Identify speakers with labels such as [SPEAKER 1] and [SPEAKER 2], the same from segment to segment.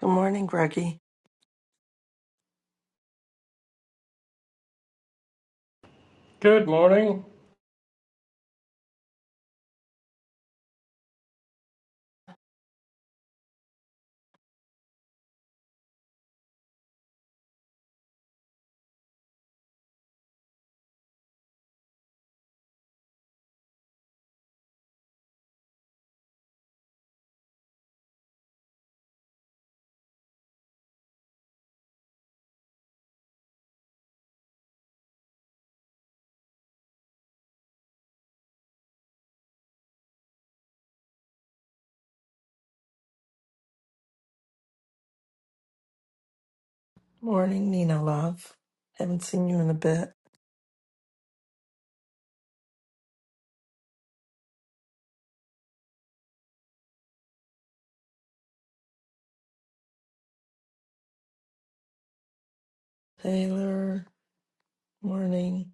[SPEAKER 1] Good morning, Greggy.
[SPEAKER 2] Good morning.
[SPEAKER 1] Morning, Nina Love. Haven't seen you in a bit. Taylor, morning.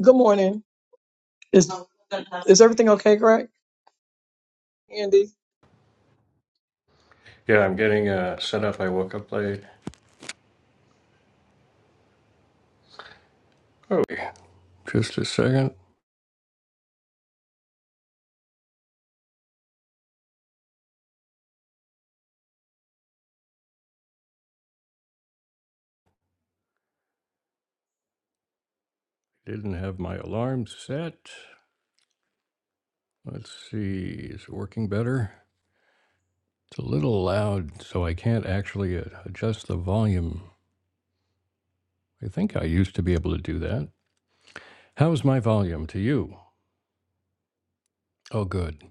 [SPEAKER 3] Good morning. Is is everything okay, Greg? Andy,
[SPEAKER 2] Yeah, I'm getting uh, set up. I woke up late. Oh, just a second. Didn't have my alarm set. Let's see. Is it working better? It's a little loud, so I can't actually uh, adjust the volume. I think I used to be able to do that. How's my volume to you? Oh, good.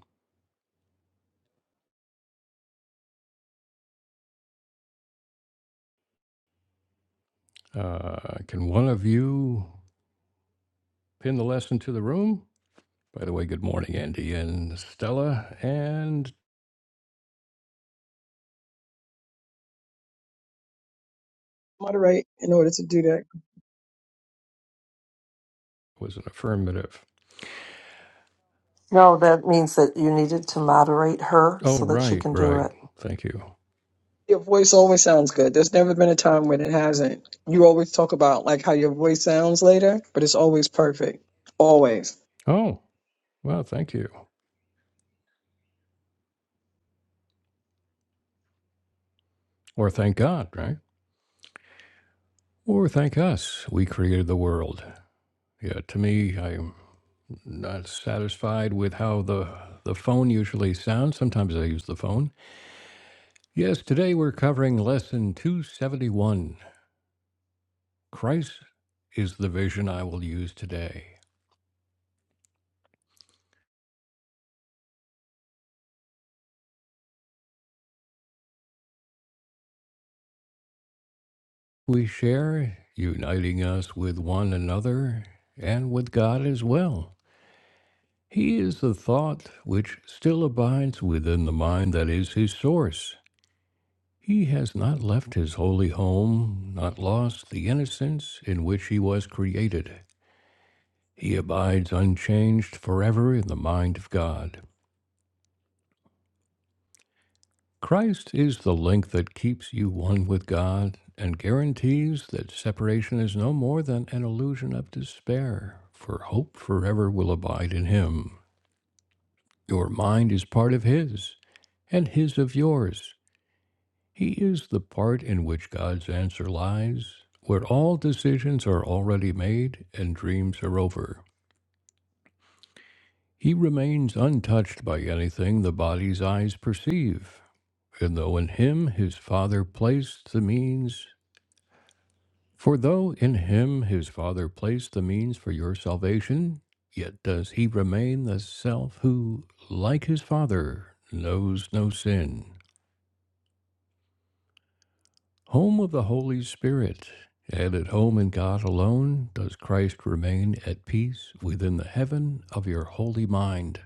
[SPEAKER 2] Uh, can one of you pin the lesson to the room? By the way, good morning, Andy and Stella. And
[SPEAKER 3] moderate in order to do that.
[SPEAKER 2] was an affirmative.
[SPEAKER 1] No, that means that you needed to moderate her
[SPEAKER 2] Oh,
[SPEAKER 1] so that she
[SPEAKER 2] right,
[SPEAKER 1] can do
[SPEAKER 2] right.
[SPEAKER 1] it.
[SPEAKER 2] Thank you.
[SPEAKER 3] Your voice always sounds good. There's never been a time when it hasn't. You always talk about like how your voice sounds later, but it's always perfect. Always.
[SPEAKER 2] Oh. Well, thank you. Or thank God, right? Or thank us. We created the world. Yeah, to me, I'm not satisfied with how the the phone usually sounds. Sometimes I use the phone. Yes, today we're covering lesson 271. Christ is the vision I will use today. We share, uniting us with one another and with God as well. He is the thought which still abides within the mind that is his source. He has not left his holy home, not lost the innocence in which he was created. He abides unchanged forever in the mind of God. Christ is the link that keeps you one with God and guarantees that separation is no more than an illusion of despair, for hope forever will abide in Him. Your mind is part of His, and His of yours. He is the part in which God's answer lies, where all decisions are already made and dreams are over. He remains untouched by anything the body's eyes perceive. And though in him his Father placed the means, for though in him his Father placed the means for your salvation, yet does he remain the self who, like his Father, knows no sin. Home of the Holy Spirit, and at home in God alone does Christ remain at peace within the heaven of your holy mind.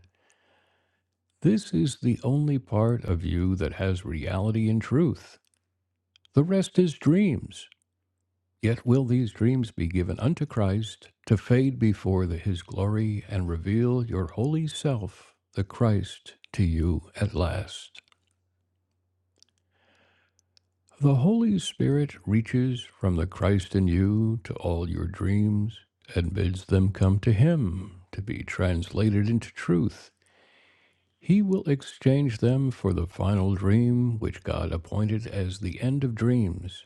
[SPEAKER 2] This is the only part of you that has reality and truth. The rest is dreams. Yet will these dreams be given unto Christ to fade before the, his glory and reveal your holy self, the Christ, to you at last. The Holy Spirit reaches from the Christ in you to all your dreams and bids them come to Him to be translated into truth. He will exchange them for the final dream which God appointed as the end of dreams.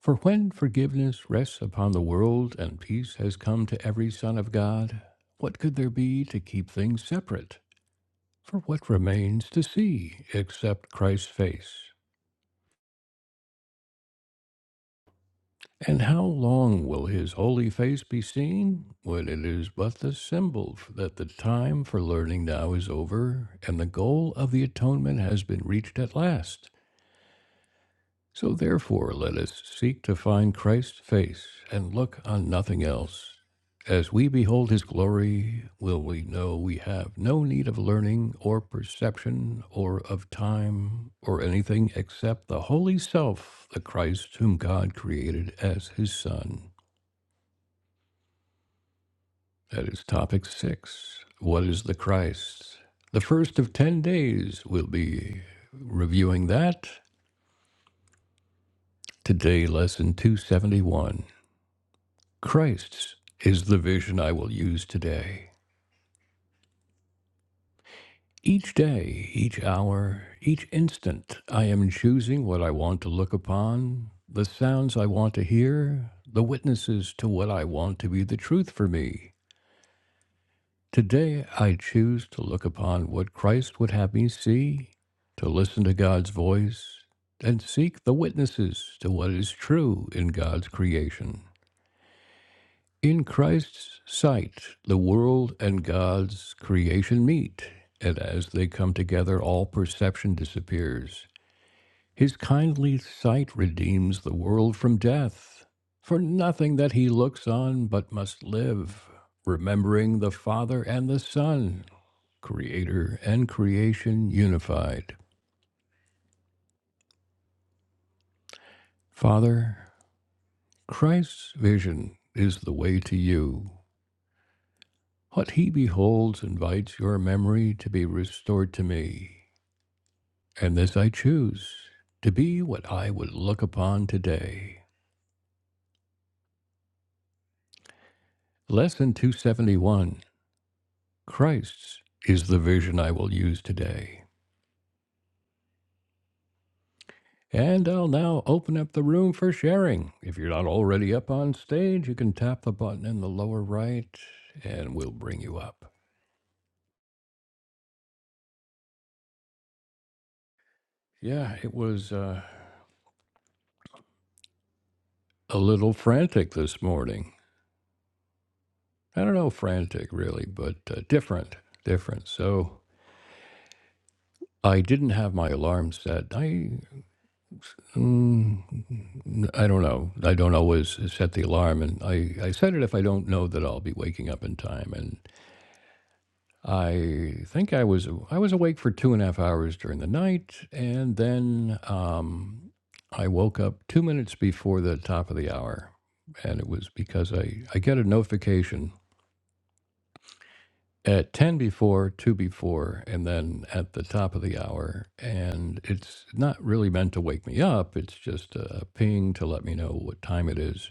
[SPEAKER 2] For when forgiveness rests upon the world and peace has come to every son of God, what could there be to keep things separate? For what remains to see except Christ's face? And how long will his holy face be seen? When it is but the symbol f- that the time for learning now is over, and the goal of the atonement has been reached at last. So therefore, let us seek to find Christ's face and look on nothing else. As we behold his glory, will we know we have no need of learning or perception or of time or anything except the holy self, the Christ whom God created as his Son. That is topic six. What is the Christ? The first of 10 days, we'll be reviewing that. Today, lesson 271. Christ is the vision I will use today. Each day, each hour, each instant, I am choosing what I want to look upon, the sounds I want to hear, the witnesses to what I want to be the truth for me. Today, I choose to look upon what Christ would have me see, to listen to God's voice, and seek the witnesses to what is true in God's creation. In Christ's sight, the world and God's creation meet, and as they come together, all perception disappears. His kindly sight redeems the world from death, for nothing that he looks on but must live, remembering the Father and the Son Creator and creation unified. Father, Christ's vision is the way to you. What he beholds invites your memory to be restored to me, and this I choose to be what I would look upon today. Lesson 271 Christ's is the vision I will use today. And I'll now open up the room for sharing. If you're not already up on stage, you can tap the button in the lower right and we'll bring you up. Yeah, it was uh, a little frantic this morning. I don't know, frantic really, but uh, different, different. So I didn't have my alarm set. I, mm, I don't know. I don't always set the alarm, and I, I set it if I don't know that I'll be waking up in time. I think I was I was awake for two and a half hours during the night, and then um, I woke up two minutes before the top of the hour, and it was because I I get a notification at ten before, two before, and then at the top of the hour, and it's not really meant to wake me up. It's just a ping to let me know what time it is.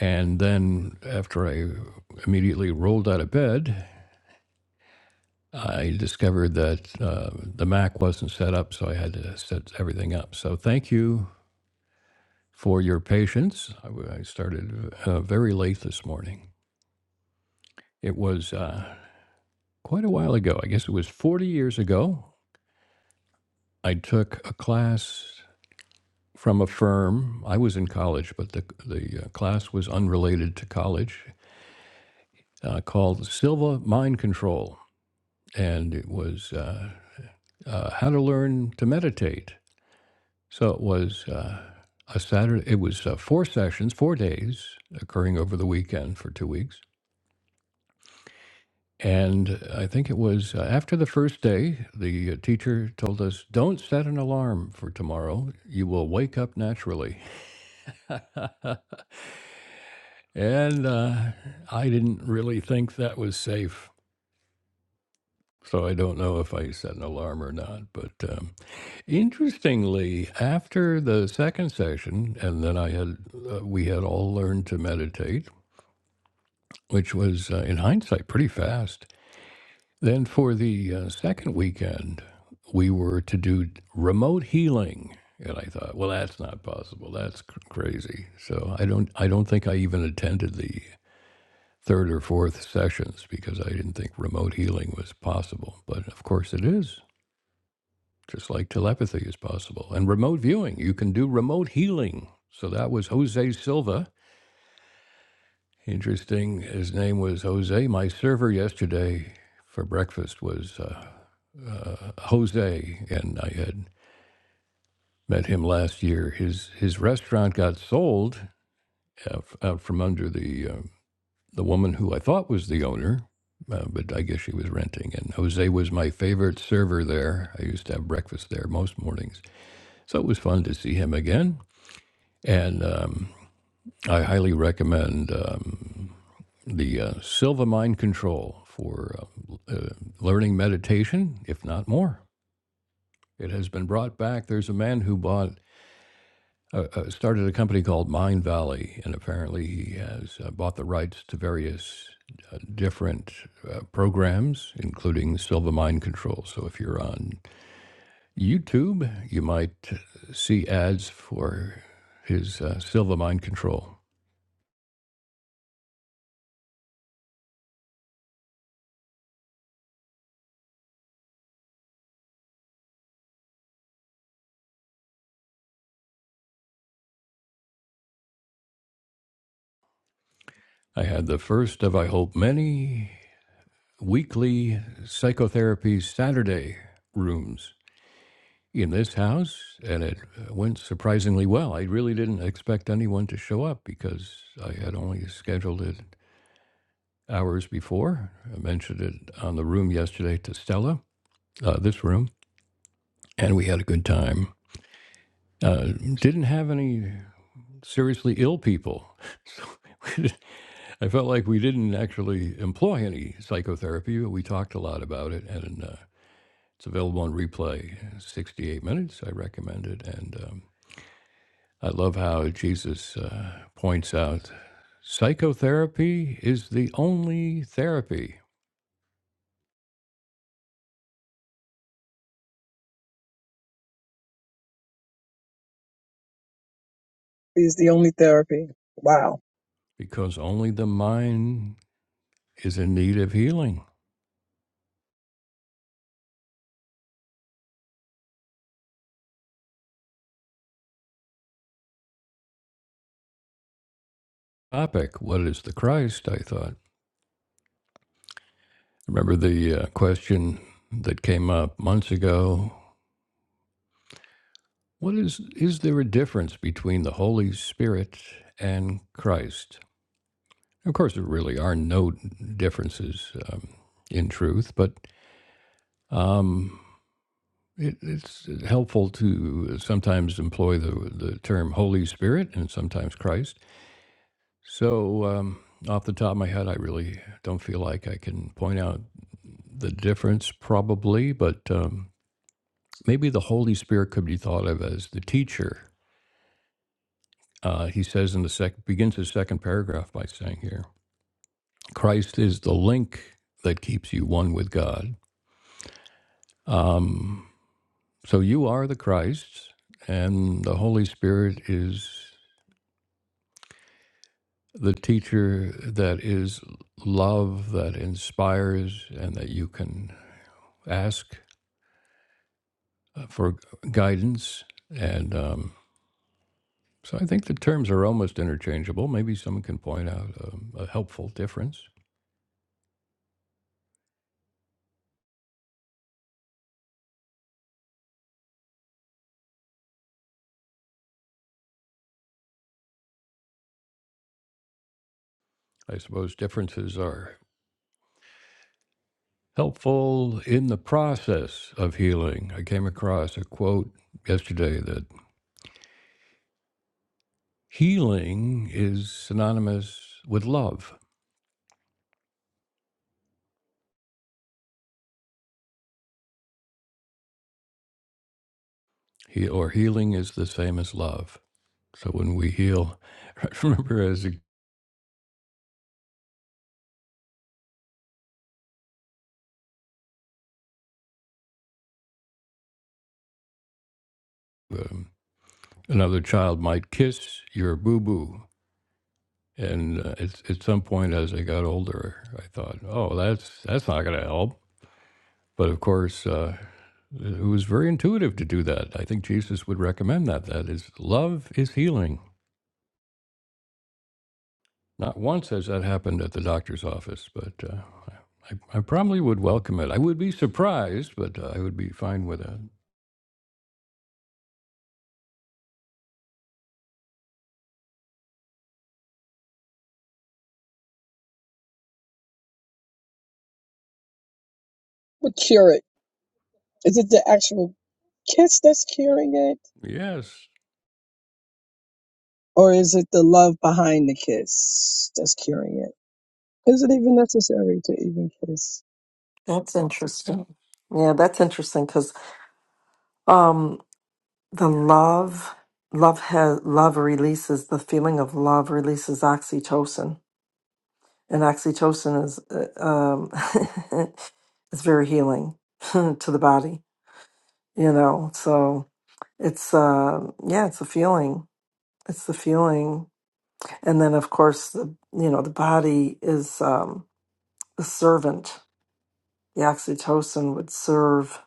[SPEAKER 2] And then after I immediately rolled out of bed I discovered that uh, the Mac wasn't set up, so I had to set everything up. So thank you for your patience. I I started uh, very late this morning. It was uh, quite a while ago. I guess it was 40 years ago. I took a class from a firm. I was in college, but the, the uh, class was unrelated to college uh, called Silva Mind Control. And it was uh, uh, how to learn to meditate So it was uh, a Saturday. It was uh, four sessions, four days, occurring over the weekend for two weeks. And I think it was uh, after the first day, the uh, teacher told us, "Don't set an alarm for tomorrow. You will wake up naturally." And uh, I didn't really think that was safe. So I don't know if I set an alarm or not. But um, interestingly, after the second session, and then I had, uh, we had all learned to meditate which was, uh, in hindsight, pretty fast. Then for the uh, second weekend, we were to do remote healing, and I thought, well, that's not possible. That's cr- crazy. So I don't, I don't think I even attended the third or fourth sessions because I didn't think remote healing was possible. But of course, it is. Just like telepathy is possible, and remote viewing, you can do remote healing. So that was Jose Silva Interesting. His name was Jose. My server yesterday for breakfast was uh, Jose, and I had met him last year. His his restaurant got sold uh, f- out from under the uh, the woman who I thought was the owner, uh, but I guess she was renting. And Jose was my favorite server there. I used to have breakfast there most mornings, so it was fun to see him again. And um, I highly recommend um, the uh, Silva Mind Control for uh, uh, learning meditation, if not more. It has been brought back. There's a man who bought uh, uh, started a company called Mind Valley, and apparently he has uh, bought the rights to various uh, different uh, programs, including Silva Mind Control. So if you're on YouTube, you might see ads for his uh, Silva Mind Control. I had the first of, I hope, many weekly psychotherapy Saturday rooms in this house, and it uh, went surprisingly well. I really didn't expect anyone to show up because I had only scheduled it hours before. I mentioned it on the room yesterday to Stella, uh, this room, and we had a good time. Uh, didn't have any seriously ill people. So we didn't- I felt like we didn't actually employ any psychotherapy, but we talked a lot about it, and uh, it's available on replay. 68 minutes, I recommend it. And um, I love how Jesus uh, points out psychotherapy is the only therapy
[SPEAKER 3] Is the only therapy. Wow.
[SPEAKER 2] because only the mind is in need of healing. Topic What is the Christ? I thought. Remember the uh, question that came up months ago What is is there a difference between the Holy Spirit and Christ? Of course, there really are no differences um, in truth, but um, it, it's helpful to sometimes employ the the term Holy Spirit and sometimes Christ. So, um, off the top of my head, I really don't feel like I can point out the difference, probably, but um, maybe the Holy Spirit could be thought of as the teacher Uh, he says in the sec- begins his second paragraph by saying here, Christ is the link that keeps you one with God. Um, so you are the Christ, and the Holy Spirit is the teacher that is love, that inspires, and that you can ask uh, for guidance. And um, so I think the terms are almost interchangeable. Maybe someone can point out um, a helpful difference. I suppose differences are helpful in the process of healing. I came across a quote yesterday that healing is synonymous with love, he, or healing is the same as love. So when we heal, I remember as a, um, another child might kiss your boo boo. And uh, at, at some point, as I got older, I thought, "Oh, that's that's not going to help." But of course, uh, it was very intuitive to do that. I think Jesus would recommend that. That is, love is healing. Not once has that happened at the doctor's office, but uh, I, I probably would welcome it. I would be surprised, but uh, I would be fine with it.
[SPEAKER 3] What cure it? Is it the actual kiss that's curing it?
[SPEAKER 2] Yes,
[SPEAKER 3] Or is it the love behind the kiss that's curing it? Is it even necessary to even kiss?
[SPEAKER 1] That's interesting. Yeah, that's interesting because um, the love, love has love releases the feeling of love releases oxytocin, and oxytocin is uh, um, is very healing to the body. You know, so it's uh, yeah, it's a feeling it's the feeling and then of course the you know the body is um the servant the oxytocin would serve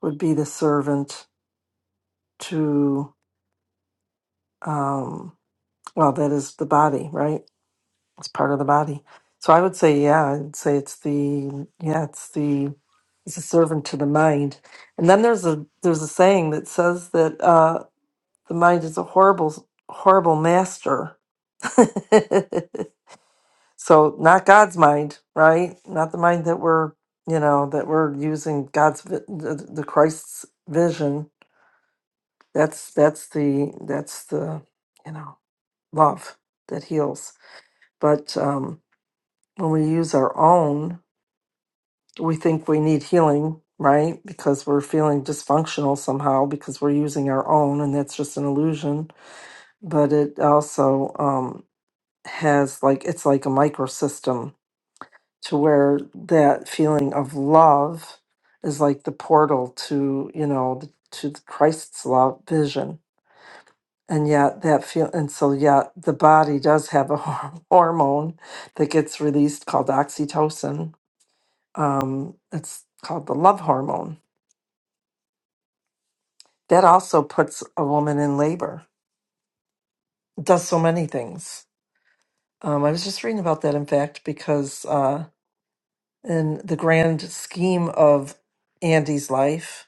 [SPEAKER 1] would be the servant to um well that is the body right it's part of the body so i would say yeah i'd say it's the yeah it's the it's a servant to the mind and then there's a there's a saying that says that uh the mind is a horrible horrible master So not God's mind, right? Not the mind that we're, you know, that we're using God's vi- the, the Christ's vision. That's that's the that's the you know love that heals. But um, when we use our own, we think we need healing, right? Because we're feeling dysfunctional somehow because we're using our own, and that's just an illusion. But it also um, has like it's like a microsystem to where that feeling of love is like the portal to you know the- to the christ's love vision and yet that feel and so yet the body does have a hor- hormone that gets released called oxytocin um, it's called the love hormone that also puts a woman in labor it does so many things um, i was just reading about that in fact because uh, in the grand scheme of andy's life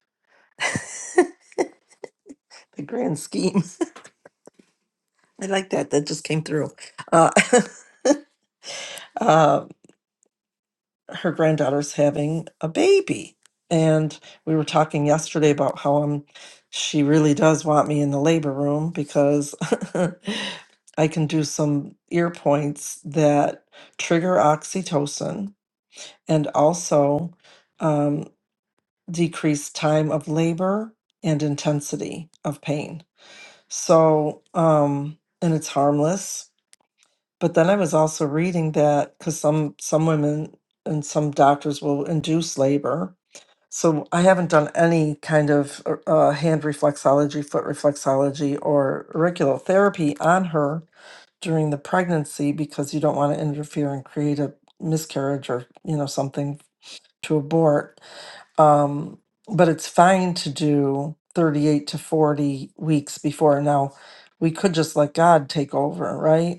[SPEAKER 1] the grand scheme. I like that. That just came through. Uh, uh, her granddaughter's having a baby, and we were talking yesterday about how um she really does want me in the labor room because I can do some ear points that trigger oxytocin and also um, decrease time of labor and intensity of pain. So, um, and it's harmless But then I was also reading that because some some women and some doctors will induce labor. So I haven't done any kind of uh, uh, hand reflexology, foot reflexology, or auricular therapy on her during the pregnancy because you don't want to interfere and create a miscarriage or you know something to abort. Um, but it's fine to do 38 to 40 weeks before. Now we could just let God take over, right?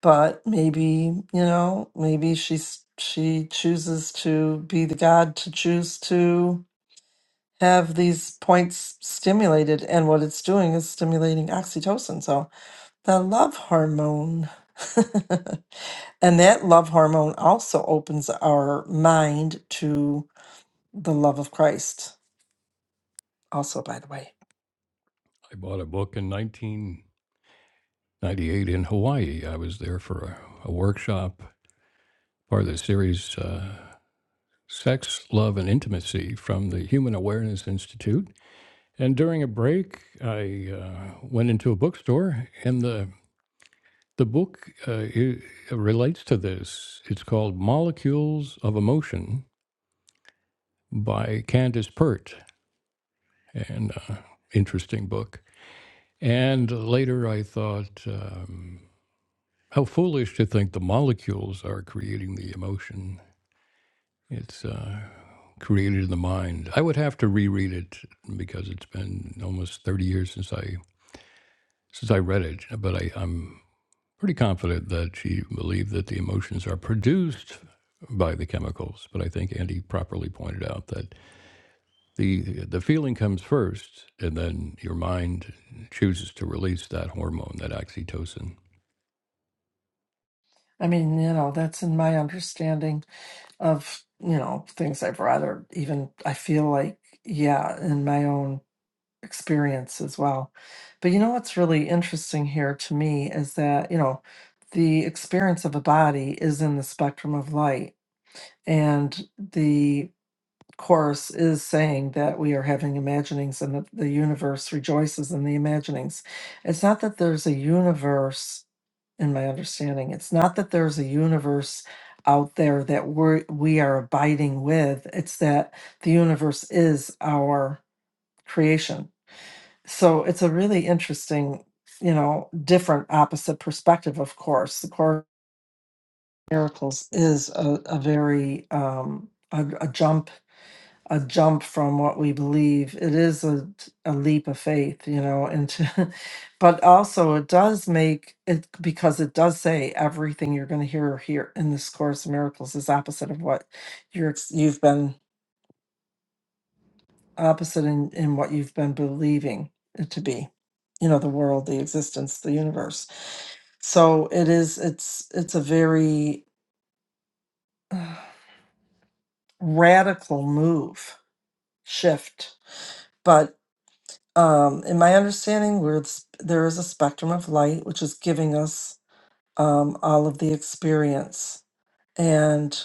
[SPEAKER 1] but maybe you know maybe she's she chooses to be the god to choose to have these points stimulated and what it's doing is stimulating oxytocin so the love hormone and that love hormone also opens our mind to the love of christ also by the way
[SPEAKER 2] I bought a book in 1998 in Hawaii. I was there for a, a workshop part of the series uh, Sex, Love, and Intimacy from the Human Awareness Institute. And during a break, I uh, went into a bookstore, and the the book uh, it, relates to this. It's called Molecules of Emotion by Candace Pert, and uh, interesting book. And later, I thought, um, how foolish to think the molecules are creating the emotion. It's uh, created in the mind. I would have to reread it because it's been almost thirty years since I since I read it, but I, I'm pretty confident that she believed that the emotions are produced by the chemicals. But I think Andy properly pointed out that the the feeling comes first, and then your mind chooses to release that hormone, that oxytocin.
[SPEAKER 1] i mean you know that's in my understanding of you know things i've read or even i feel like yeah in my own experience as well. But you know what's really interesting here to me is that, you know, the experience of a body is in the spectrum of light. And the Course is saying that we are having imaginings and that the universe rejoices in the imaginings. It's not that there's a universe, in my understanding, it's not that there's a universe out there that we're, we are abiding with. It's that the universe is our creation so it's a really interesting you know different opposite perspective of course the course in miracles is a, a very um a, a jump a jump from what we believe it is a, a leap of faith you know into but also it does make it because it does say everything you're going to hear here in this course of miracles is opposite of what you're ex- you've been opposite in in what you've been believing it to be you know the world the existence the universe So it is it's it's a very uh, radical move shift. But um, in my understanding, we're s- there is a spectrum of light which is giving us um, all of the experience, and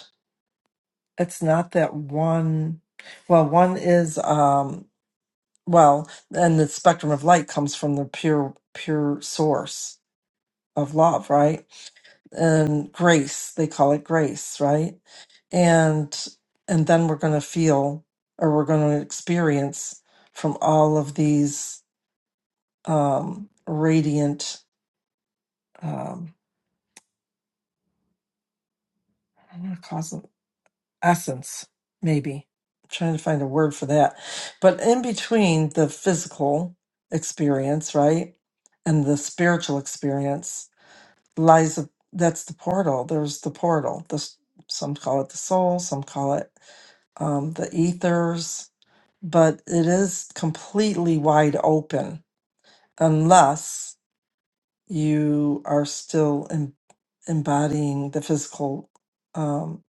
[SPEAKER 1] it's not that one. Well, one is um, well, and the spectrum of light comes from the pure pure source of love, right? And grace, they call it grace, right? and and then we're going to feel or we're going to experience from all of these um radiant um i going to call them essence maybe I'm trying to find a word for that but in between the physical experience right and the spiritual experience lies a, that's the portal there's the portal the s- some call it the soul some call it um, the ethers but it is completely wide open unless you are still em- embodying the physical um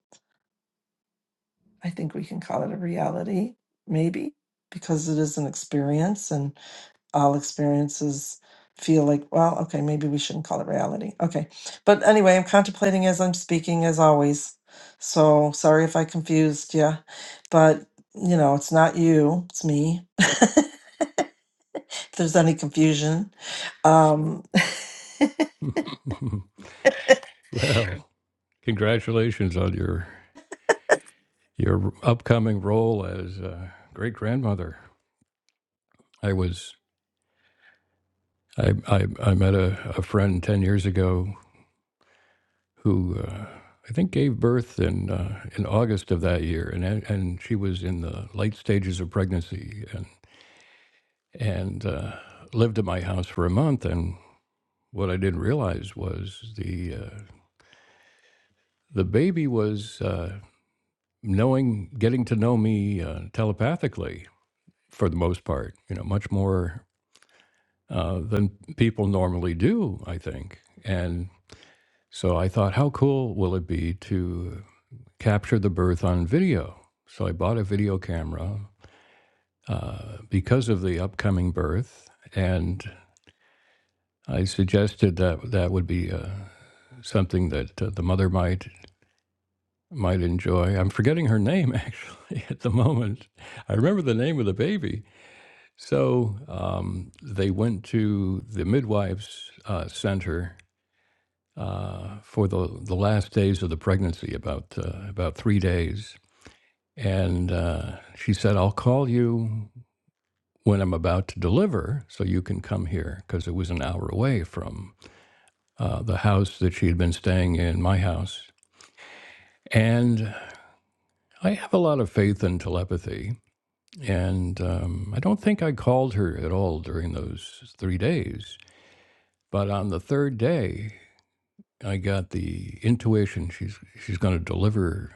[SPEAKER 1] i think we can call it a reality maybe because it is an experience and all experiences feel like well okay maybe we shouldn't call it reality okay but anyway i'm contemplating as i'm speaking as always so sorry if i confused you but you know it's not you it's me if there's any confusion. Um,
[SPEAKER 2] well, congratulations on your your upcoming role as uh, great grandmother. I was I I, I met a, a friend ten years ago who uh, I think gave birth in uh, in August of that year, and and she was in the late stages of pregnancy, and and uh, lived at my house for a month. And what I didn't realize was the uh, the baby was uh, knowing, getting to know me uh, telepathically for the most part. You know, much more uh, than people normally do, I think, and. So I thought, how cool will it be to capture the birth on video. So I bought a video camera uh, because of the upcoming birth, and I suggested that that would be uh, something that uh, the mother might might enjoy. I'm forgetting her name actually at the moment. I remember the name of the baby. So um, they went to the midwives' uh, center uh, for the the last days of the pregnancy, about uh, about three days, and uh, she said, "I'll call you when I'm about to deliver, so you can come here, because it was an hour away from uh, the house that she had been staying in, my house. And I have a lot of faith in telepathy. And um, I don't think I called her at all during those three days. But on the third day, I got the intuition she's she's going to deliver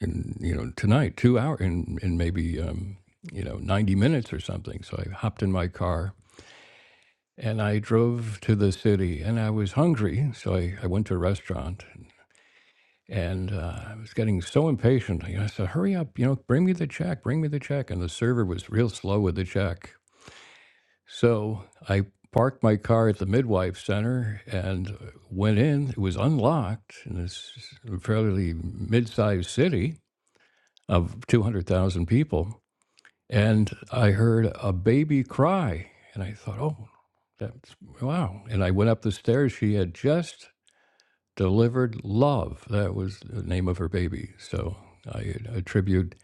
[SPEAKER 2] in you know tonight, two hours, in in maybe um, you know ninety minutes or something. So I hopped in my car And I drove to the city and I was hungry. So I, I went to a restaurant and uh, I was getting so impatient. You know, I said, hurry up, you know, bring me the check, bring me the check. And the server was real slow with the check. So I parked my car at the midwife center and went in. It was unlocked in this fairly mid sized city of 200,000 people and I heard a baby cry, and I thought, "Oh, that's wow!" And I went up the stairs. She had just delivered love. That was the name of her baby. So I attribute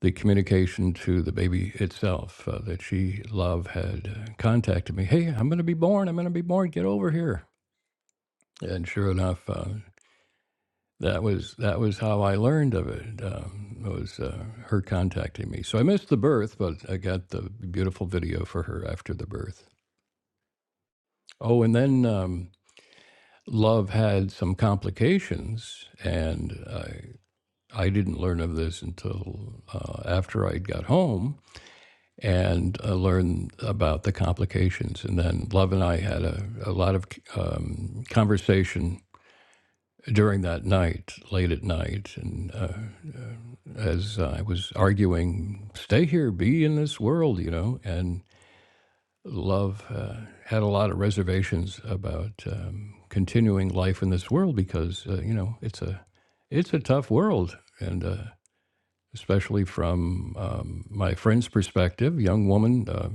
[SPEAKER 2] the communication to the baby itself uh, that she love had uh, contacted me. Hey, I'm going to be born. I'm going to be born. Get over here. And sure enough. Uh, That was that was how I learned of it. Um, it was uh, her contacting me. So I missed the birth, but I got the beautiful video for her after the birth. Oh, and then um, love had some complications, and I I didn't learn of this until uh, after I got home and uh, learned about the complications. And then love and I had a, a lot of um, conversation during that night, late at night, and. Uh, as I was arguing, stay here, be in this world, you know. And Love uh, had a lot of reservations about um, continuing life in this world because uh, you know it's a it's a tough world, and uh, especially from um, my friend's perspective, young woman, uh,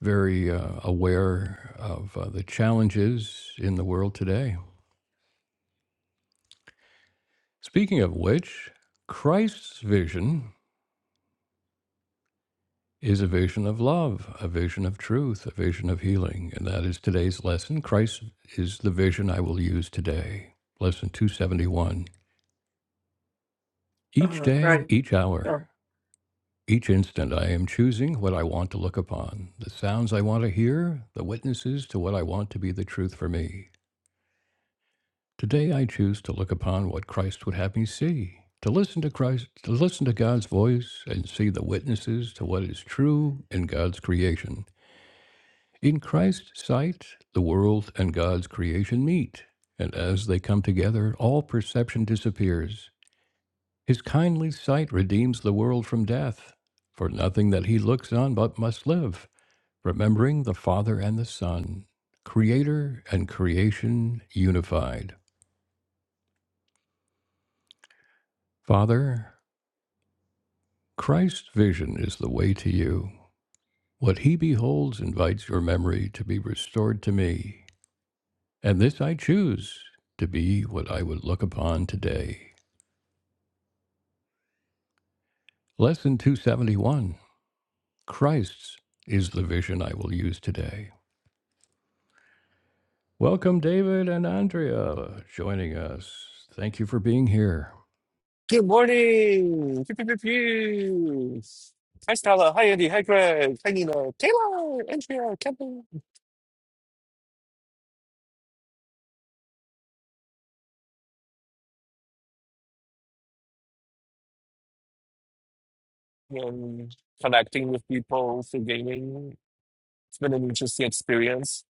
[SPEAKER 2] very uh, aware of uh, the challenges in the world today. Speaking of which, Christ's vision. is a vision of love, a vision of truth, a vision of healing. And that is today's lesson. Christ is the vision I will use today. Lesson 271. Each
[SPEAKER 1] Uh, right.
[SPEAKER 2] day, each
[SPEAKER 1] Uh,
[SPEAKER 2] hour, each instant, I am choosing what I want to look upon, the sounds I want to hear, the witnesses to what I want to be the truth for me. Today, I choose to look upon what Christ would have me see, to listen to Christ, to listen to God's voice and see the witnesses to what is true in God's creation. In Christ's sight, the world and God's creation meet, and as they come together, all perception disappears. His kindly sight redeems the world from death, for nothing that he looks on but must live, remembering the Father and the Son, Creator and creation unified. Father, Christ's vision is the way to you. What he beholds invites your memory to be restored to me. And this I choose to be what I would look upon today. Lesson 271 Christ's is the vision I will use today. Welcome, David and Andrea, joining us. Thank you for being here.
[SPEAKER 4] Good morning. Pew, pew, pew, pew. Hi, Stella. Hi, Andy. Hi, Greg. Hi, Nina. Taylor. Andrea. Kevin. Um, connecting with people through gaming. It's been an interesting experience.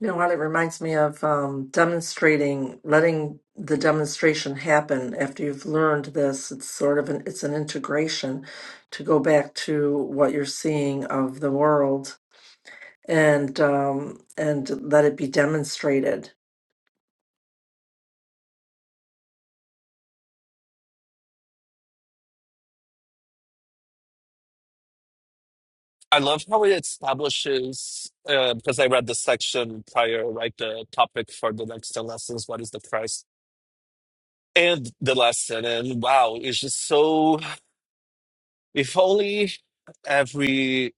[SPEAKER 1] You know what? It reminds me of um, demonstrating, letting the demonstration happen after you've learned this. It's sort of an it's an integration to go back to what you're seeing of the world and um, and let it be demonstrated.
[SPEAKER 4] I love how it establishes, uh, because I read the section prior, right? The topic for the next 10 lessons what is the price? And the lesson. And wow, it's just so, if only every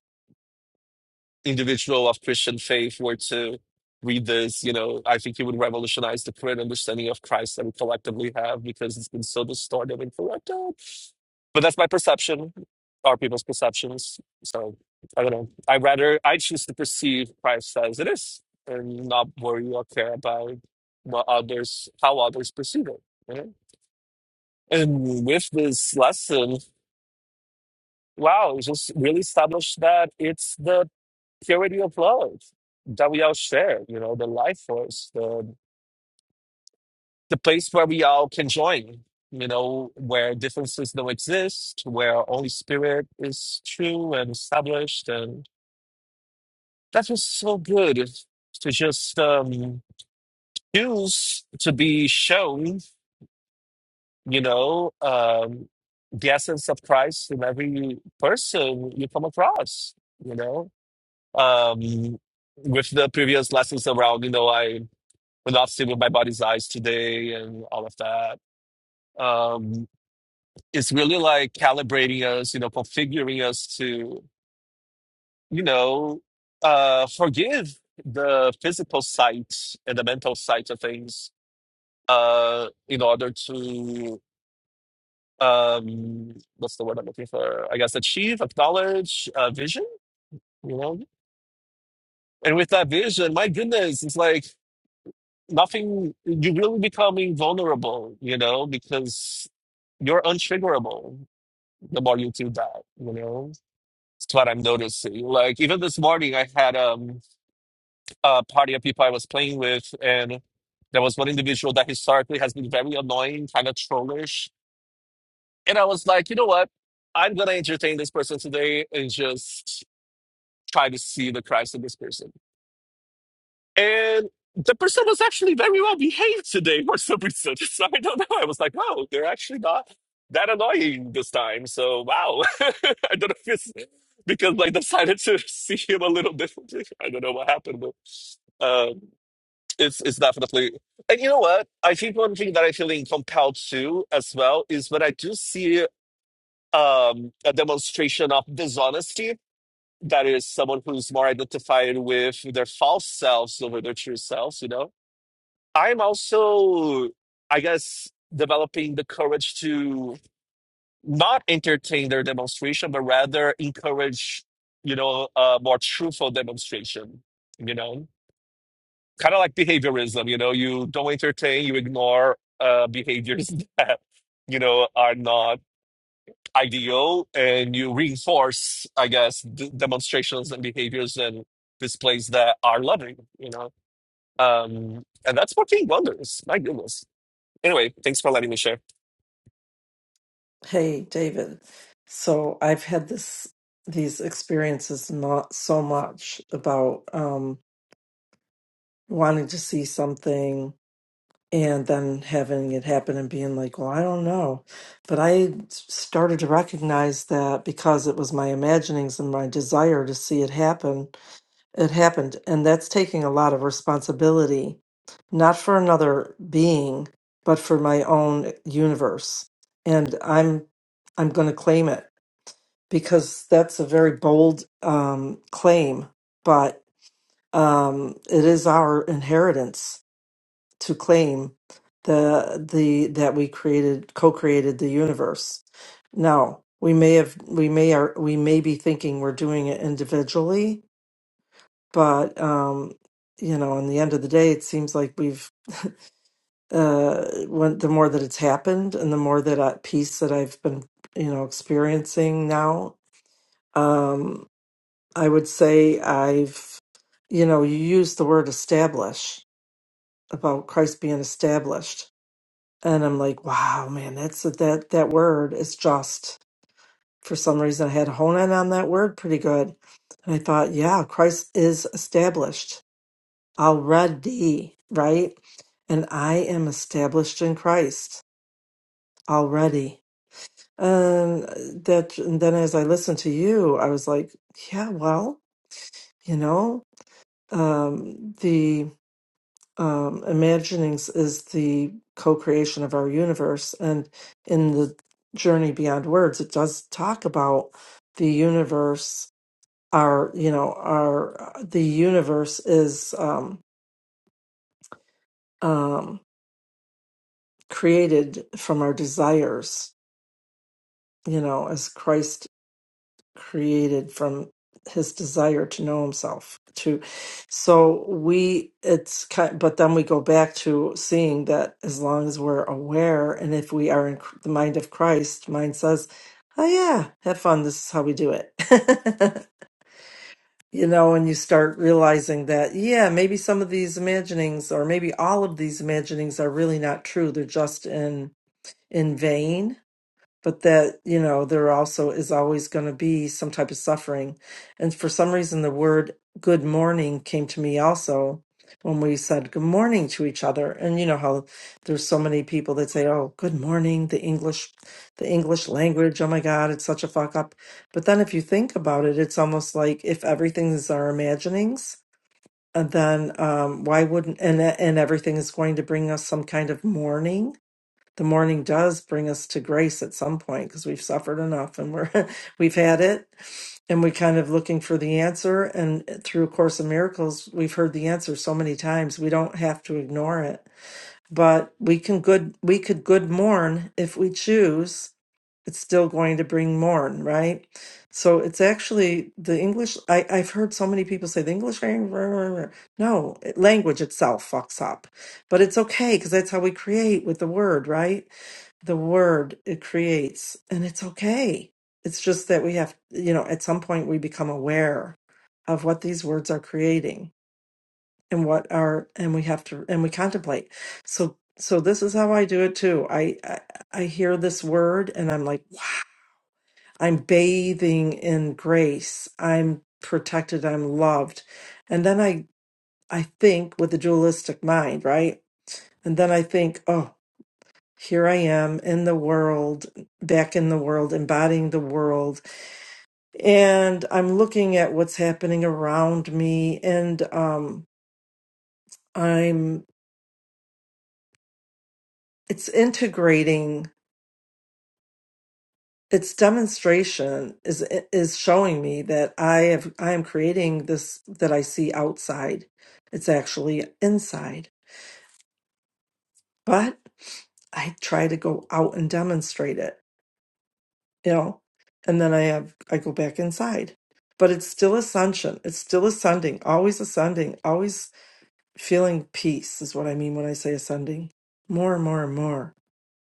[SPEAKER 4] individual of Christian faith were to read this, you know, I think it would revolutionize the current understanding of Christ that we collectively have because it's been so distorted and corrupted. But that's my perception, our people's perceptions. So I don't know. I rather I choose to perceive Christ as it is and not worry or care about what others how others perceive it. you know? And with this lesson, wow, it just really established that it's the purity of love that we all share, you know, the life force, the the place where we all can join, you know, where differences don't exist, where Holy Spirit is true and established. And that was so good is to just um, choose to be shown, you know, um, the essence of Christ in every person you come across, you know. Um, with the previous lessons around, you know, I without seeing with my body's eyes today and all of that. Um, it's really like calibrating us, you know, configuring us to, you know, uh, forgive the physical side and the mental side of things uh, in order to, um, what's the word I'm looking for? I guess achieve, acknowledge, uh, vision, you know? And with that vision, my goodness, it's like, nothing you're really becoming vulnerable you know because you're untriggerable the more you do that you know it's what i'm noticing like even this morning i had um, a party of people i was playing with and there was one individual that historically has been very annoying kind of trollish and i was like you know what i'm gonna entertain this person today and just try to see the christ in this person And the person was actually very well behaved today for some reason. So I don't know. I was like, wow, they're actually not that annoying this time. So wow. I don't know if it's because I decided to see him a little differently. I don't know what happened, but um, it's it's definitely. And you know what? I think one thing that I feel compelled to as well is when I do see um, a demonstration of dishonesty that is someone who's more identified with their false selves over their true selves, you know I'm also, I guess, developing the courage to not entertain their demonstration, but rather encourage, you know, a more truthful demonstration, you know, kind of like behaviorism, you know, you don't entertain, you ignore uh, behaviors that, you know, are not ideal and you reinforce, I guess, d- demonstrations and behaviors and displays that are loving, you know. Um, and that's working wonders. My goodness. Anyway, thanks for letting me share.
[SPEAKER 1] hey, David. So I've had this these experiences not so much about um, wanting to see something and then having it happen and being like, well, I don't know. But I started to recognize that because it was my imaginings and my desire to see it happen, it happened. And that's taking a lot of responsibility, not for another being, but for my own universe. And I'm I'm going to claim it because that's a very bold um, claim, but um, it is our inheritance to claim the the that we created co-created the universe. Now, we may have we may are we may be thinking we're doing it individually, but um you know, in the end of the day it seems like we've uh when the more that it's happened and the more that uh, peace that I've been, you know, experiencing now, um I would say I've you know, you use the word establish about Christ being established and I'm like, wow, man, that's that that word is just for some reason I had honed in on that word pretty good, and I thought, yeah, Christ is established already, right? And I am established in Christ already. And that, and then as I listened to you, I was like, yeah, well, you know, um, the um, imaginings is the co-creation of our universe and in the journey beyond words it does talk about the universe our you know our the universe is um, um, created from our desires you know as christ created from his desire to know himself to so we it's kind but then we go back to seeing that as long as we're aware and if we are in Chr- the mind of christ mind says oh yeah have fun this is how we do it you know and you start realizing that yeah maybe some of these imaginings or maybe all of these imaginings are really not true they're just in in vain but that you know there also is always going to be some type of suffering and for some reason the word good morning came to me also when we said good morning to each other and you know how there's so many people that say oh good morning the english the english language oh my god it's such a fuck up but then if you think about it it's almost like if everything is our imaginings and then um why wouldn't and and everything is going to bring us some kind of mourning the morning does bring us to grace at some point because we've suffered enough and we're we've had it and we're kind of looking for the answer and through a course of miracles we've heard the answer so many times we don't have to ignore it but we can good we could good mourn if we choose it's still going to bring mourn right so it's actually the english I, i've heard so many people say the english language no language itself fucks up but it's okay because that's how we create with the word right the word it creates and it's okay it's just that we have you know at some point we become aware of what these words are creating and what are and we have to and we contemplate so so this is how i do it too i i, I hear this word and i'm like wow, i'm bathing in grace i'm protected i'm loved and then i i think with the dualistic mind right and then i think oh here I am in the world, back in the world, embodying the world. And I'm looking at what's happening around me and um I'm it's integrating its demonstration is is showing me that I have I am creating this that I see outside. It's actually inside. But I try to go out and demonstrate it. you know and then i have i go back inside but it's still ascension it's still ascending always ascending always feeling peace is what i mean when i say ascending more and more and more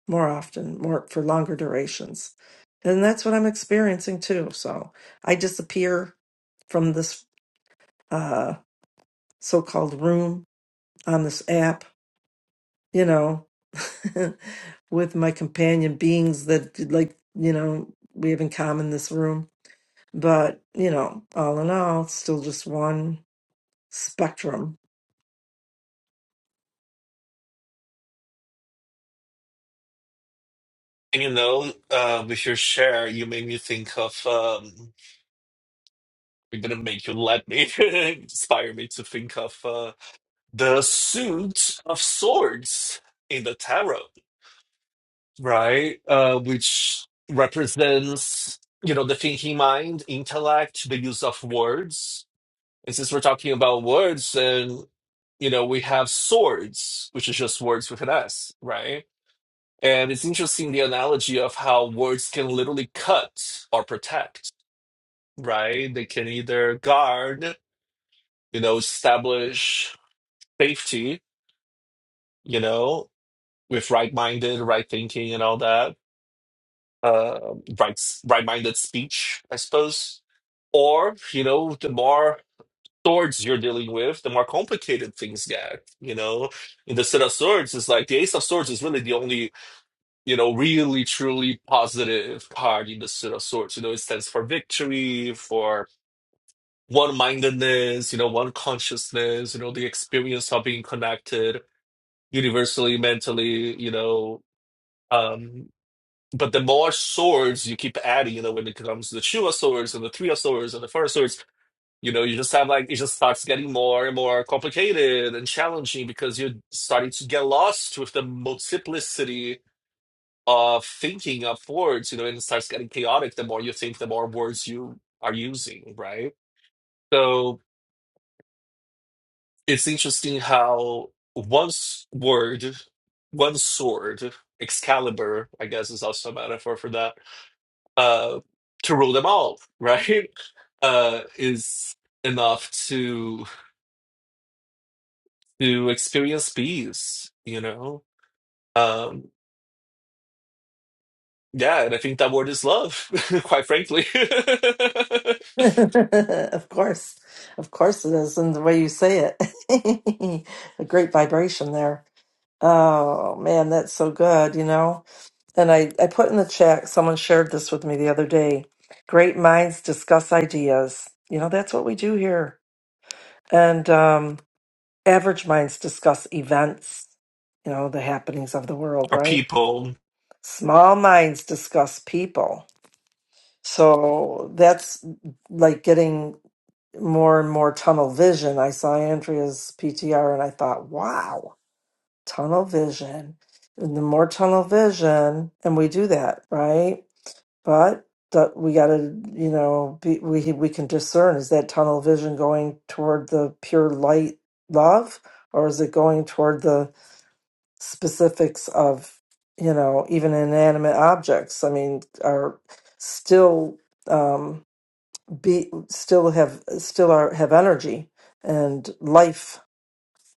[SPEAKER 1] more often more for longer durations and that's what i'm experiencing too so i disappear from this uh so-called room on this app you know with my companion beings that like you know we have in common this room But, you know, all in all, it's still just one spectrum.
[SPEAKER 4] And, You know, uh, with your share, you made me think of. Um, are gonna make you let me inspire me to think of uh, the suit of swords in the tarot, right? Uh, which represents, you know, the thinking mind, intellect, the use of words. And since we're talking about words, and you know, we have swords, which is just words with an S, right? And it's interesting the analogy of how words can literally cut or protect, right? They can either guard, you know, establish safety, you know, with right-minded, right thinking and all that, uh, right, right-minded speech, I suppose. Or, you know, the more swords you're dealing with, the more complicated things get, you know. In the set of swords, it's like the ace of swords is really the only you know, really truly positive card in the suit of swords. You know, it stands for victory, for one-mindedness, you know, one consciousness, you know, the experience of being connected universally, mentally, you know. Um, but the more swords you keep adding, you know, when it comes to the two of swords and the three of swords and the four of swords, you know, you just have like it just starts getting more and more complicated and challenging because you're starting to get lost with the multiplicity of thinking of words, you know, and it starts getting chaotic the more you think, the more words you are using, right? So it's interesting how one s- word, one sword, Excalibur, I guess is also a metaphor for that, uh, to rule them all, right? Uh, is enough to to experience peace, you know? Um, yeah, and I think that word is love, quite frankly.
[SPEAKER 1] of course. Of course it is. And the way you say it, a great vibration there. Oh, man, that's so good, you know? And I, I put in the chat, someone shared this with me the other day. Great minds discuss ideas. You know, that's what we do here. And um, average minds discuss events, you know, the happenings of the world,
[SPEAKER 4] Or
[SPEAKER 1] right?
[SPEAKER 4] people.
[SPEAKER 1] Small minds discuss people So that's like getting more and more tunnel vision. I saw Andrea's PTR and I thought, wow, tunnel vision. And the more tunnel vision, and we do that, right? But that we got to, you know, be, we we can discern is that tunnel vision going toward the pure light love, or is it going toward the specifics of, you know, even inanimate objects? I mean, are still. Um, be still have still are have energy and life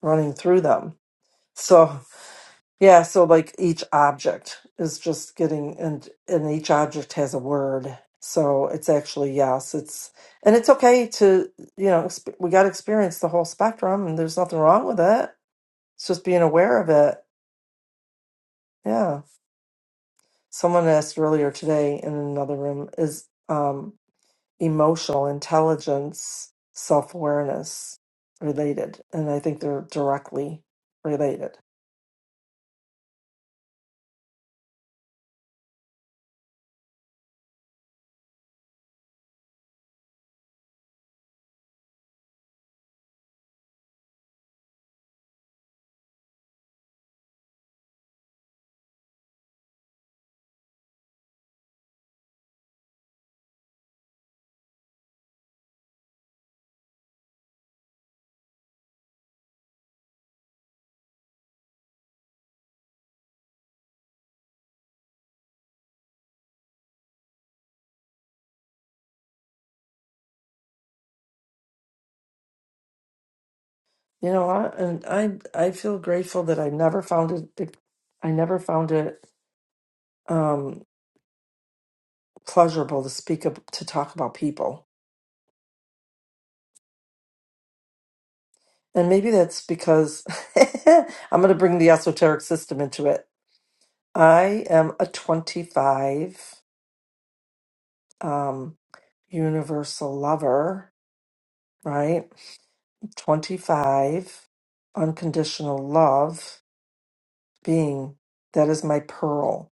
[SPEAKER 1] running through them so yeah so like each object is just getting and and each object has a word so it's actually yes it's and it's okay to you know exp- we got to experience the whole spectrum and there's nothing wrong with it it's just being aware of it yeah someone asked earlier today in another room is um emotional intelligence, self awareness related, and I think they're directly related. You know what? And I I feel grateful that I never found it. I never found it um, pleasurable to speak ab- to talk about people, and maybe that's because I'm going to bring the esoteric system into it. I am a 25 um, universal lover, right? 25 unconditional love being that is my pearl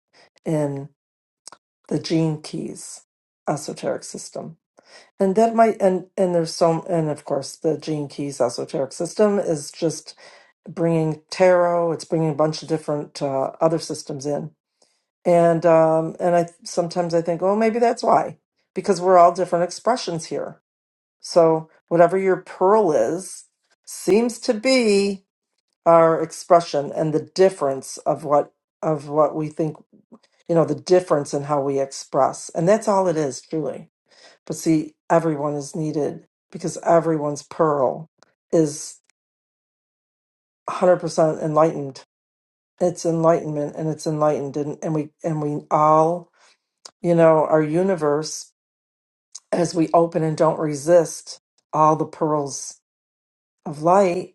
[SPEAKER 1] in the gene keys esoteric system and that might and and there's so and of course the gene keys esoteric system is just bringing tarot it's bringing a bunch of different uh, other systems in and um and i sometimes i think oh maybe that's why because we're all different expressions here so whatever your pearl is seems to be our expression and the difference of what of what we think you know the difference in how we express and that's all it is truly but see everyone is needed because everyone's pearl is 100% enlightened it's enlightenment and it's enlightened and, and we and we all you know our universe as we open and don't resist all the pearls of light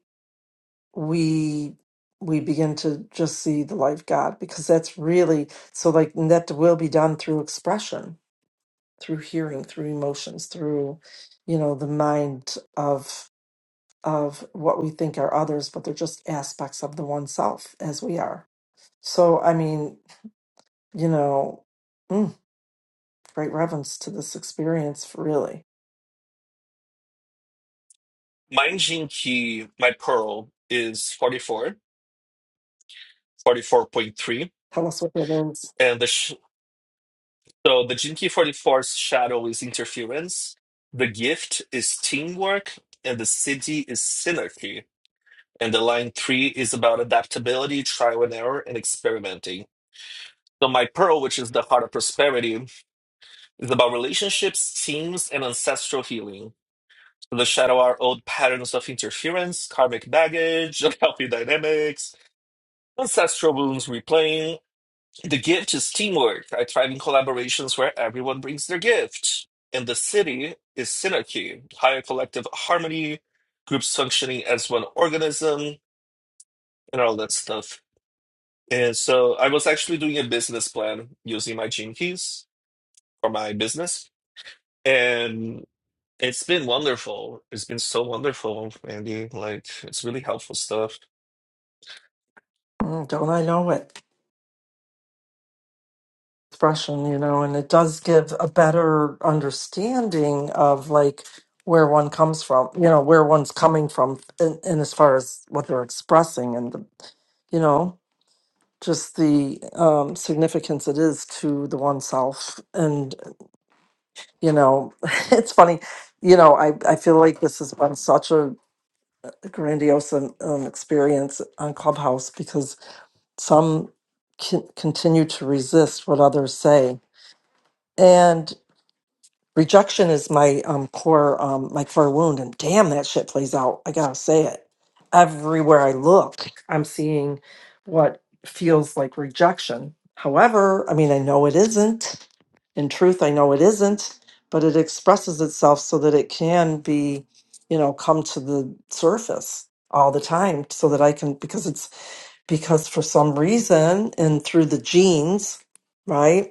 [SPEAKER 1] we we begin to just see the light of God because that's really so like and that will be done through expression, through hearing, through emotions, through you know the mind of of what we think are others, but they're just aspects of the one self as we are. So I mean, you know, mm, great reverence to this experience, really.
[SPEAKER 4] My Jinki, my Pearl is forty four, forty four point three,
[SPEAKER 1] Tell us what it is.
[SPEAKER 4] And the sh- so the Jinki forty four's shadow is interference. The gift is teamwork. And the city is synergy. And the line three is about adaptability, trial and error, and experimenting. So my Pearl, which is the heart of prosperity, is about relationships, teams, and ancestral healing. The shadow are old patterns of interference, karmic baggage, unhealthy dynamics, ancestral wounds replaying The gift is teamwork. I thrive in collaborations where everyone brings their gift. And the city is synergy, higher collective harmony, groups functioning as one organism, and all that stuff. And so I was actually doing a business plan using my gene keys for my business. And it's been wonderful. It's been so wonderful, Andy. Like, it's really helpful stuff.
[SPEAKER 1] Mm, don't I know it? expression, you know, and it does give a better understanding of like where one comes from, you know, where one's coming from, in, in as far as what they're expressing and the, you know, just the um, significance it is to the oneself. And you know, it's funny, you know, I I feel like this has been such a grandiose um, um, experience on Clubhouse because some. Can continue to resist what others say, and. rejection is my um core um my core wound and damn that shit plays out i gotta say it everywhere i look i'm seeing what feels like rejection however i mean i know it isn't in truth i know it isn't but it expresses itself so that it can be you know come to the surface all the time so that i can because it's because for some reason and through the genes right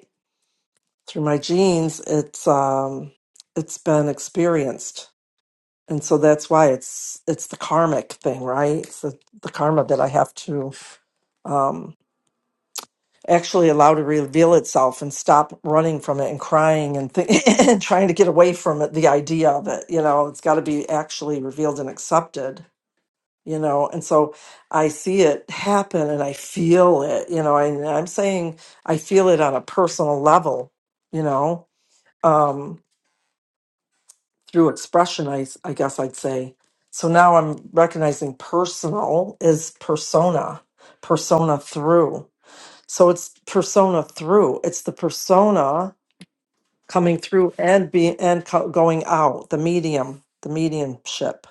[SPEAKER 1] through my genes it's um it's been experienced and so that's why it's it's the karmic thing right it's the, the karma that i have to um actually allow to reveal itself and stop running from it and crying and th- and trying to get away from it the idea of it you know it's got to be actually revealed and accepted you know and so i see it happen and i feel it you know and i'm saying i feel it on a personal level you know Um, through expression, I I guess I'd say. So now I'm recognizing personal is persona, persona through. So it's persona through. It's the persona coming through and being and co- going out. The medium, the mediumship.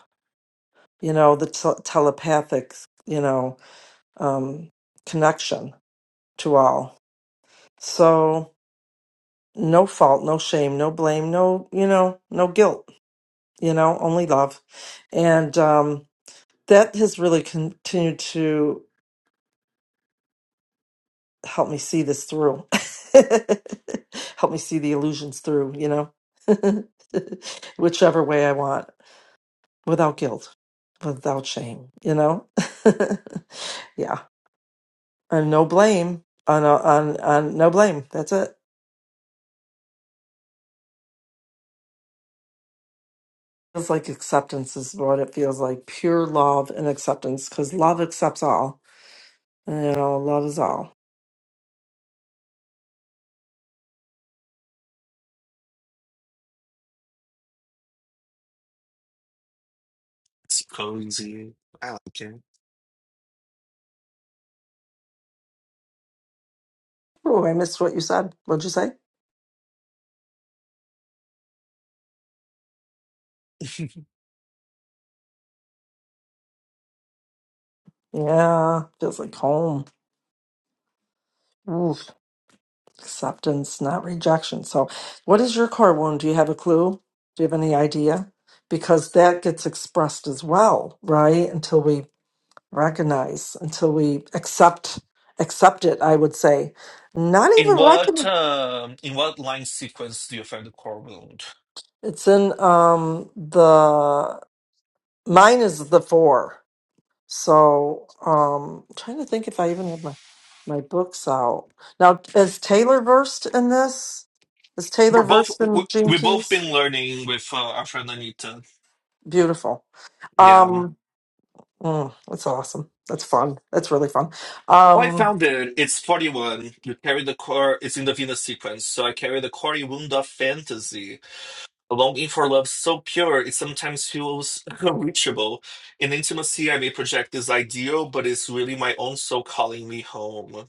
[SPEAKER 1] You know, the t- telepathic. You know, um, connection to all. So no fault, no shame, no blame, no you know, no guilt. You know, only love, and um, that has really continued to help me see this through help me see the illusions through you know whichever way i want without guilt without shame you know yeah and no blame on on on no blame that's it feels like acceptance is what it feels like pure love and acceptance because love accepts all and you know love is all
[SPEAKER 4] It's cozy. I like
[SPEAKER 1] oh i missed what you said what'd you say
[SPEAKER 4] it.
[SPEAKER 1] yeah feels like home Oof. Acceptance, not rejection. So, what is your core wound? Do you have a clue? Do you have any idea? Because that gets expressed as well, right? Until we recognize, until we accept accept it, I would say. Not
[SPEAKER 4] In
[SPEAKER 1] even
[SPEAKER 4] what
[SPEAKER 1] recognize.
[SPEAKER 4] um, in what line sequence do you find the core wound?
[SPEAKER 1] It's in um the mine is the four. So, um I'm trying to think if I even have my my books out. Now, is Taylor versed in this? Is Taylor
[SPEAKER 4] We're both
[SPEAKER 1] versed
[SPEAKER 4] we-
[SPEAKER 1] in Gene
[SPEAKER 4] we've both
[SPEAKER 1] Keys?
[SPEAKER 4] been learning with uh, our friend Anita.
[SPEAKER 1] Beautiful.
[SPEAKER 4] Yeah,
[SPEAKER 1] Um, mm, that's awesome. That's fun. That's really fun.
[SPEAKER 4] Well, I
[SPEAKER 1] Um,
[SPEAKER 4] found it. It's forty one. You carry the core. It's in the Venus sequence, so I carry the Cory wound of fantasy, a longing for love so pure it sometimes feels unreachable. In intimacy, I may project this ideal, but it's really my own soul calling me home.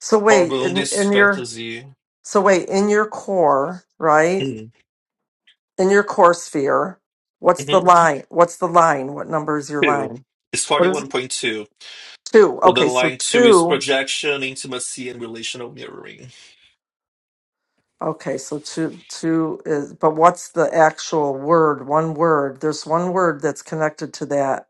[SPEAKER 1] so
[SPEAKER 4] Core
[SPEAKER 1] wait,
[SPEAKER 4] wound
[SPEAKER 1] in,
[SPEAKER 4] is
[SPEAKER 1] in your
[SPEAKER 4] fantasy.
[SPEAKER 1] so wait, in your core, right?
[SPEAKER 4] Hmm.
[SPEAKER 1] In your core sphere, what's the
[SPEAKER 4] Mm-hmm.
[SPEAKER 1] line? What's the line? What number is your
[SPEAKER 4] Two.
[SPEAKER 1] line?
[SPEAKER 4] It's forty
[SPEAKER 1] What is it?
[SPEAKER 4] one point two.
[SPEAKER 1] Two.
[SPEAKER 4] So the
[SPEAKER 1] Okay, so
[SPEAKER 4] line two is
[SPEAKER 1] two.
[SPEAKER 4] projection, intimacy, and relational mirroring.
[SPEAKER 1] Okay, so two two is but what's the actual word? One word. There's one word that's connected to that.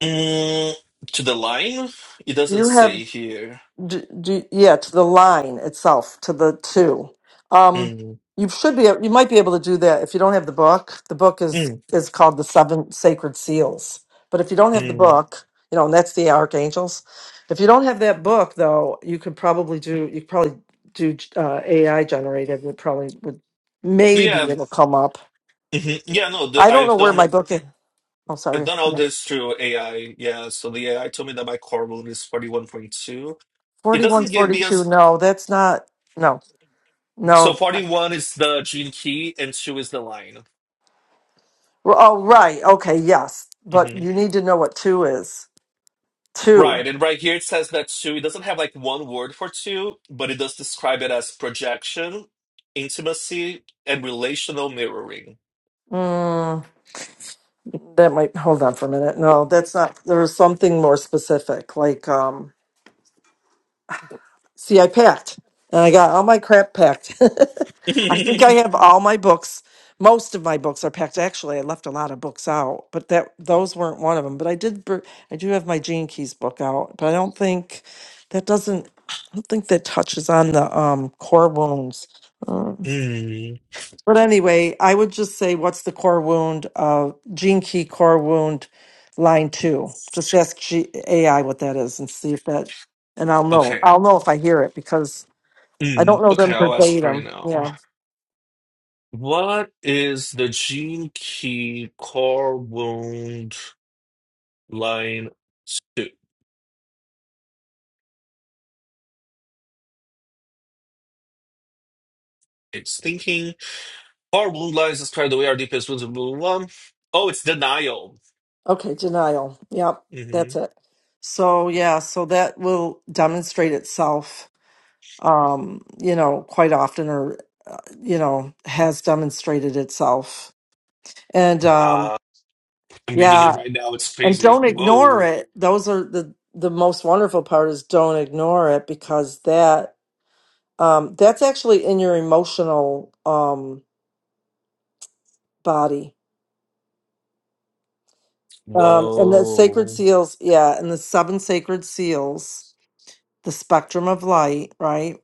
[SPEAKER 4] Mm, to the line? It
[SPEAKER 1] Do
[SPEAKER 4] doesn't
[SPEAKER 1] you have
[SPEAKER 4] say here.
[SPEAKER 1] d d yeah, to the line itself, to the two. Um,
[SPEAKER 4] Mm,
[SPEAKER 1] you should be, you might be able to do that if you don't have the book. The book is
[SPEAKER 4] mm,
[SPEAKER 1] is called the Seven Sacred Seals. But if you don't have the
[SPEAKER 4] mm.
[SPEAKER 1] book, you know, and that's the archangels. If you don't have that book, though, you could probably do, you could probably do uh, AI generated. It probably would,
[SPEAKER 4] Yeah,
[SPEAKER 1] maybe it'll come up.
[SPEAKER 4] mhm. yeah, no, the,
[SPEAKER 1] I don't
[SPEAKER 4] I've
[SPEAKER 1] know where
[SPEAKER 4] done
[SPEAKER 1] my book is. Oh,
[SPEAKER 4] I've
[SPEAKER 1] sorry.
[SPEAKER 4] done all this through AI. Yeah, so the AI told me that my core root is 41.2. It doesn't give me a
[SPEAKER 1] 4142.
[SPEAKER 4] s-
[SPEAKER 1] No, that's not, no,
[SPEAKER 4] so
[SPEAKER 1] no.
[SPEAKER 4] 41 is the gene key and 2 is the line.
[SPEAKER 1] R- Oh, right. Okay, yes. But
[SPEAKER 4] hmm
[SPEAKER 1] you need to know what two is. Two.
[SPEAKER 4] Right, and right here it says that 2, it doesn't have like one word for 2, but it does describe it as projection, intimacy, and relational mirroring.
[SPEAKER 1] Mm, that might hold on for a minute. No, that's not. There's something more specific. Like, um, see, I packed and I got all my crap packed. I think I have all my books. Most of my books are packed. Actually, I left a lot of books out, but that those weren't one of them. But I did. br- I do have my Gene Keys book out, but I don't think that doesn't. I don't think that touches on the um, core wounds. Mm.
[SPEAKER 4] Mm,
[SPEAKER 1] But anyway, I would just say, what's the core wound of gene key core wound line two? Just ask G- AI what that is and see if that, and I'll know.
[SPEAKER 4] okay.
[SPEAKER 1] I'll know if I hear it because I don't
[SPEAKER 4] Mm,
[SPEAKER 1] know
[SPEAKER 4] okay,
[SPEAKER 1] them
[SPEAKER 4] I'll ask right
[SPEAKER 1] verbatim.
[SPEAKER 4] now.
[SPEAKER 1] Yeah.
[SPEAKER 4] What is the gene key core wound line two? It's thinking. Core wound lines describe the way our deepest wounds are blah, blah, blah. Oh, it's denial.
[SPEAKER 1] Okay. Denial. Yep.
[SPEAKER 4] hmm
[SPEAKER 1] That's it. So, yeah. So that will demonstrate itself, um, you know, quite often or, uh, you know, has demonstrated itself. And, um,
[SPEAKER 4] Wow. I'm reading
[SPEAKER 1] yeah.
[SPEAKER 4] it right now. It's
[SPEAKER 1] and
[SPEAKER 4] crazy.
[SPEAKER 1] don't ignore
[SPEAKER 4] Whoa.
[SPEAKER 1] it those are the the most wonderful part is don't ignore it because that um that's actually in your emotional um body um and the sacred
[SPEAKER 4] Whoa.
[SPEAKER 1] seals yeah and the seven sacred seals the spectrum of light right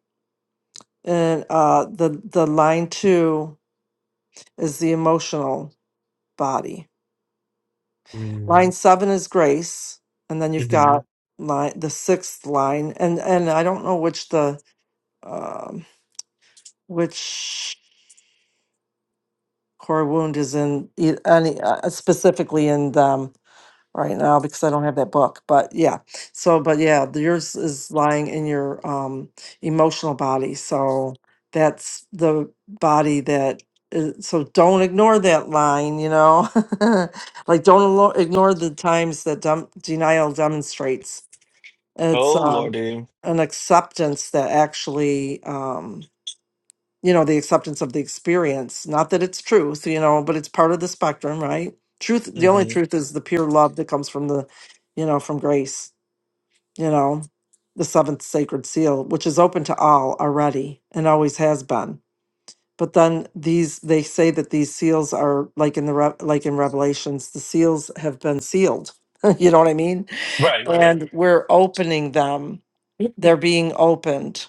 [SPEAKER 1] and uh the the line 2 is the emotional body line
[SPEAKER 4] Mm-hmm.
[SPEAKER 1] 7 is grace and then you've got line the sixth line and and I don't know which the um which core wound is in e- any uh, uh, specifically in them right now because I don't have that book. But yeah, so but yeah, the- yours is lying in your um emotional body. So that's the body that. Is, so don't ignore that line, you know, like don't alo- ignore the times that dem- denial demonstrates. It's
[SPEAKER 4] Oh,
[SPEAKER 1] um
[SPEAKER 4] Lordy.
[SPEAKER 1] an acceptance that actually um you know, the acceptance of the experience. Not that it's truth, you know, but it's part of the spectrum, right? Truth, the only
[SPEAKER 4] hmm
[SPEAKER 1] truth is the pure love that comes from the, you know, from grace, you know, the seventh sacred seal, which is open to all already and always has been. But then these, they say that these seals are like in the, Re- like in Revelations, the seals have been sealed. you know what I mean?
[SPEAKER 4] Right, right,
[SPEAKER 1] And we're opening them.
[SPEAKER 4] right.
[SPEAKER 1] They're being opened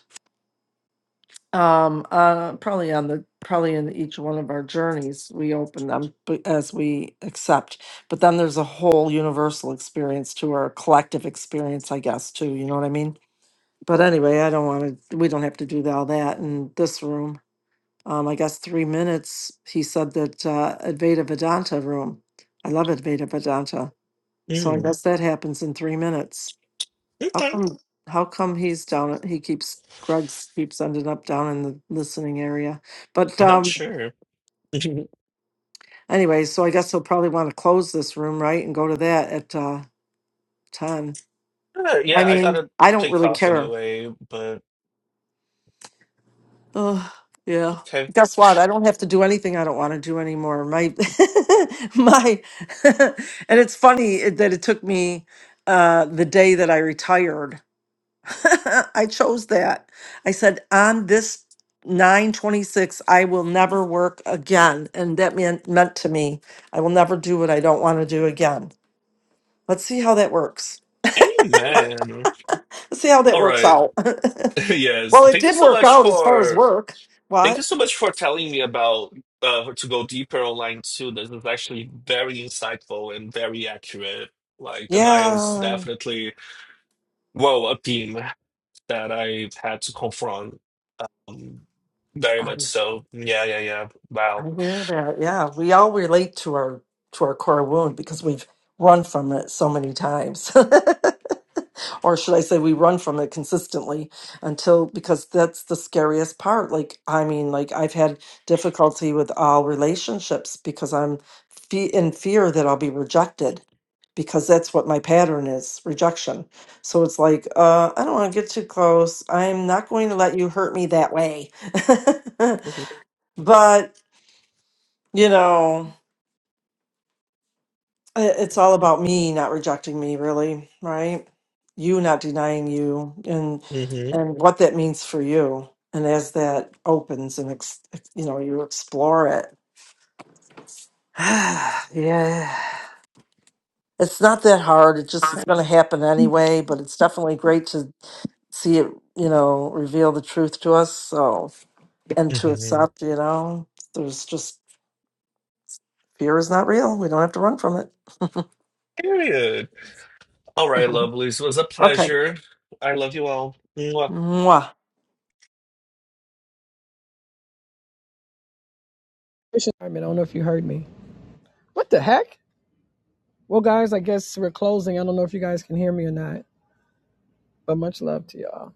[SPEAKER 1] Um, uh, probably on the, probably in each one of our journeys, we open them but as we accept. But then there's a whole universal experience to our collective experience, I guess, too. You know what I mean? But anyway, I don't want to, we don't have to do all that in this room. Um, I guess three minutes, he said that, uh, Advaita Vedanta room. I love Advaita Vedanta. So I
[SPEAKER 4] mm
[SPEAKER 1] guess that happens in three minutes. How
[SPEAKER 4] Okay.
[SPEAKER 1] come? How come he's down? at- He keeps Greg's keeps ending up down in the listening area. But
[SPEAKER 4] Not
[SPEAKER 1] um,
[SPEAKER 4] sure. Mhm.
[SPEAKER 1] anyway, so I guess he'll probably want to close this room, right, and go to that at uh, ten.
[SPEAKER 4] Uh,
[SPEAKER 1] I
[SPEAKER 4] yeah, I
[SPEAKER 1] mean,
[SPEAKER 4] gotta
[SPEAKER 1] I don't
[SPEAKER 4] take
[SPEAKER 1] really
[SPEAKER 4] off
[SPEAKER 1] care.
[SPEAKER 4] anyway, but
[SPEAKER 1] Oh, yeah.
[SPEAKER 4] okay.
[SPEAKER 1] Guess what? I don't have to do anything I don't want to do anymore. My, my, and it's funny that it took me uh, the day that I retired I chose that. I said, on this 926, I will never work again. And that meant, meant to me, I will never do what I don't want to do again. Let's see how that works.
[SPEAKER 4] Amen.
[SPEAKER 1] Let's see how that
[SPEAKER 4] All
[SPEAKER 1] works
[SPEAKER 4] right.
[SPEAKER 1] out.
[SPEAKER 4] yes.
[SPEAKER 1] well, it
[SPEAKER 4] Thank you
[SPEAKER 1] did
[SPEAKER 4] so
[SPEAKER 1] work
[SPEAKER 4] much
[SPEAKER 1] out as far as
[SPEAKER 4] for
[SPEAKER 1] work.
[SPEAKER 4] thank you
[SPEAKER 1] What?
[SPEAKER 4] so much for telling me about uh to go deeper online too. This is actually very insightful and very accurate. Like denial is
[SPEAKER 1] Yeah.
[SPEAKER 4] definitely well a theme that I've had to confront Um, very
[SPEAKER 1] I,
[SPEAKER 4] much so. Yeah, yeah, yeah. Wow.
[SPEAKER 1] I hear that. Yeah. We all relate to our to our core wound because we've run from it so many times. or should I say we run from it consistently until because that's the scariest part. Like I mean, like I've had difficulty with all relationships because I'm fe- in fear that I'll be rejected because that's what my pattern is rejection. So it's like uh I don't want to get too close. I'm not going to let you hurt me that way. but, you know, I- It's all about me not rejecting me, really, right? You not denying you, and
[SPEAKER 4] Mm-hmm.
[SPEAKER 1] and what that means for you. And as that opens and ex, you know you explore it, yeah, it's not that hard. It just
[SPEAKER 3] I
[SPEAKER 1] it's going to happen anyway. But it's definitely great to see it, you know, reveal the truth to us. So and to
[SPEAKER 4] hmm
[SPEAKER 1] accept, you know, there's just fear is not real. We don't have to run from it.
[SPEAKER 4] Period. All right, lovelies. It was a
[SPEAKER 1] okay,
[SPEAKER 4] pleasure. I love you all. Mwah.
[SPEAKER 1] Mwah.
[SPEAKER 3] don't know if you heard me. What the heck? Well, guys, I guess we're closing. I don't know if you guys can hear me or not, but much love to y'all.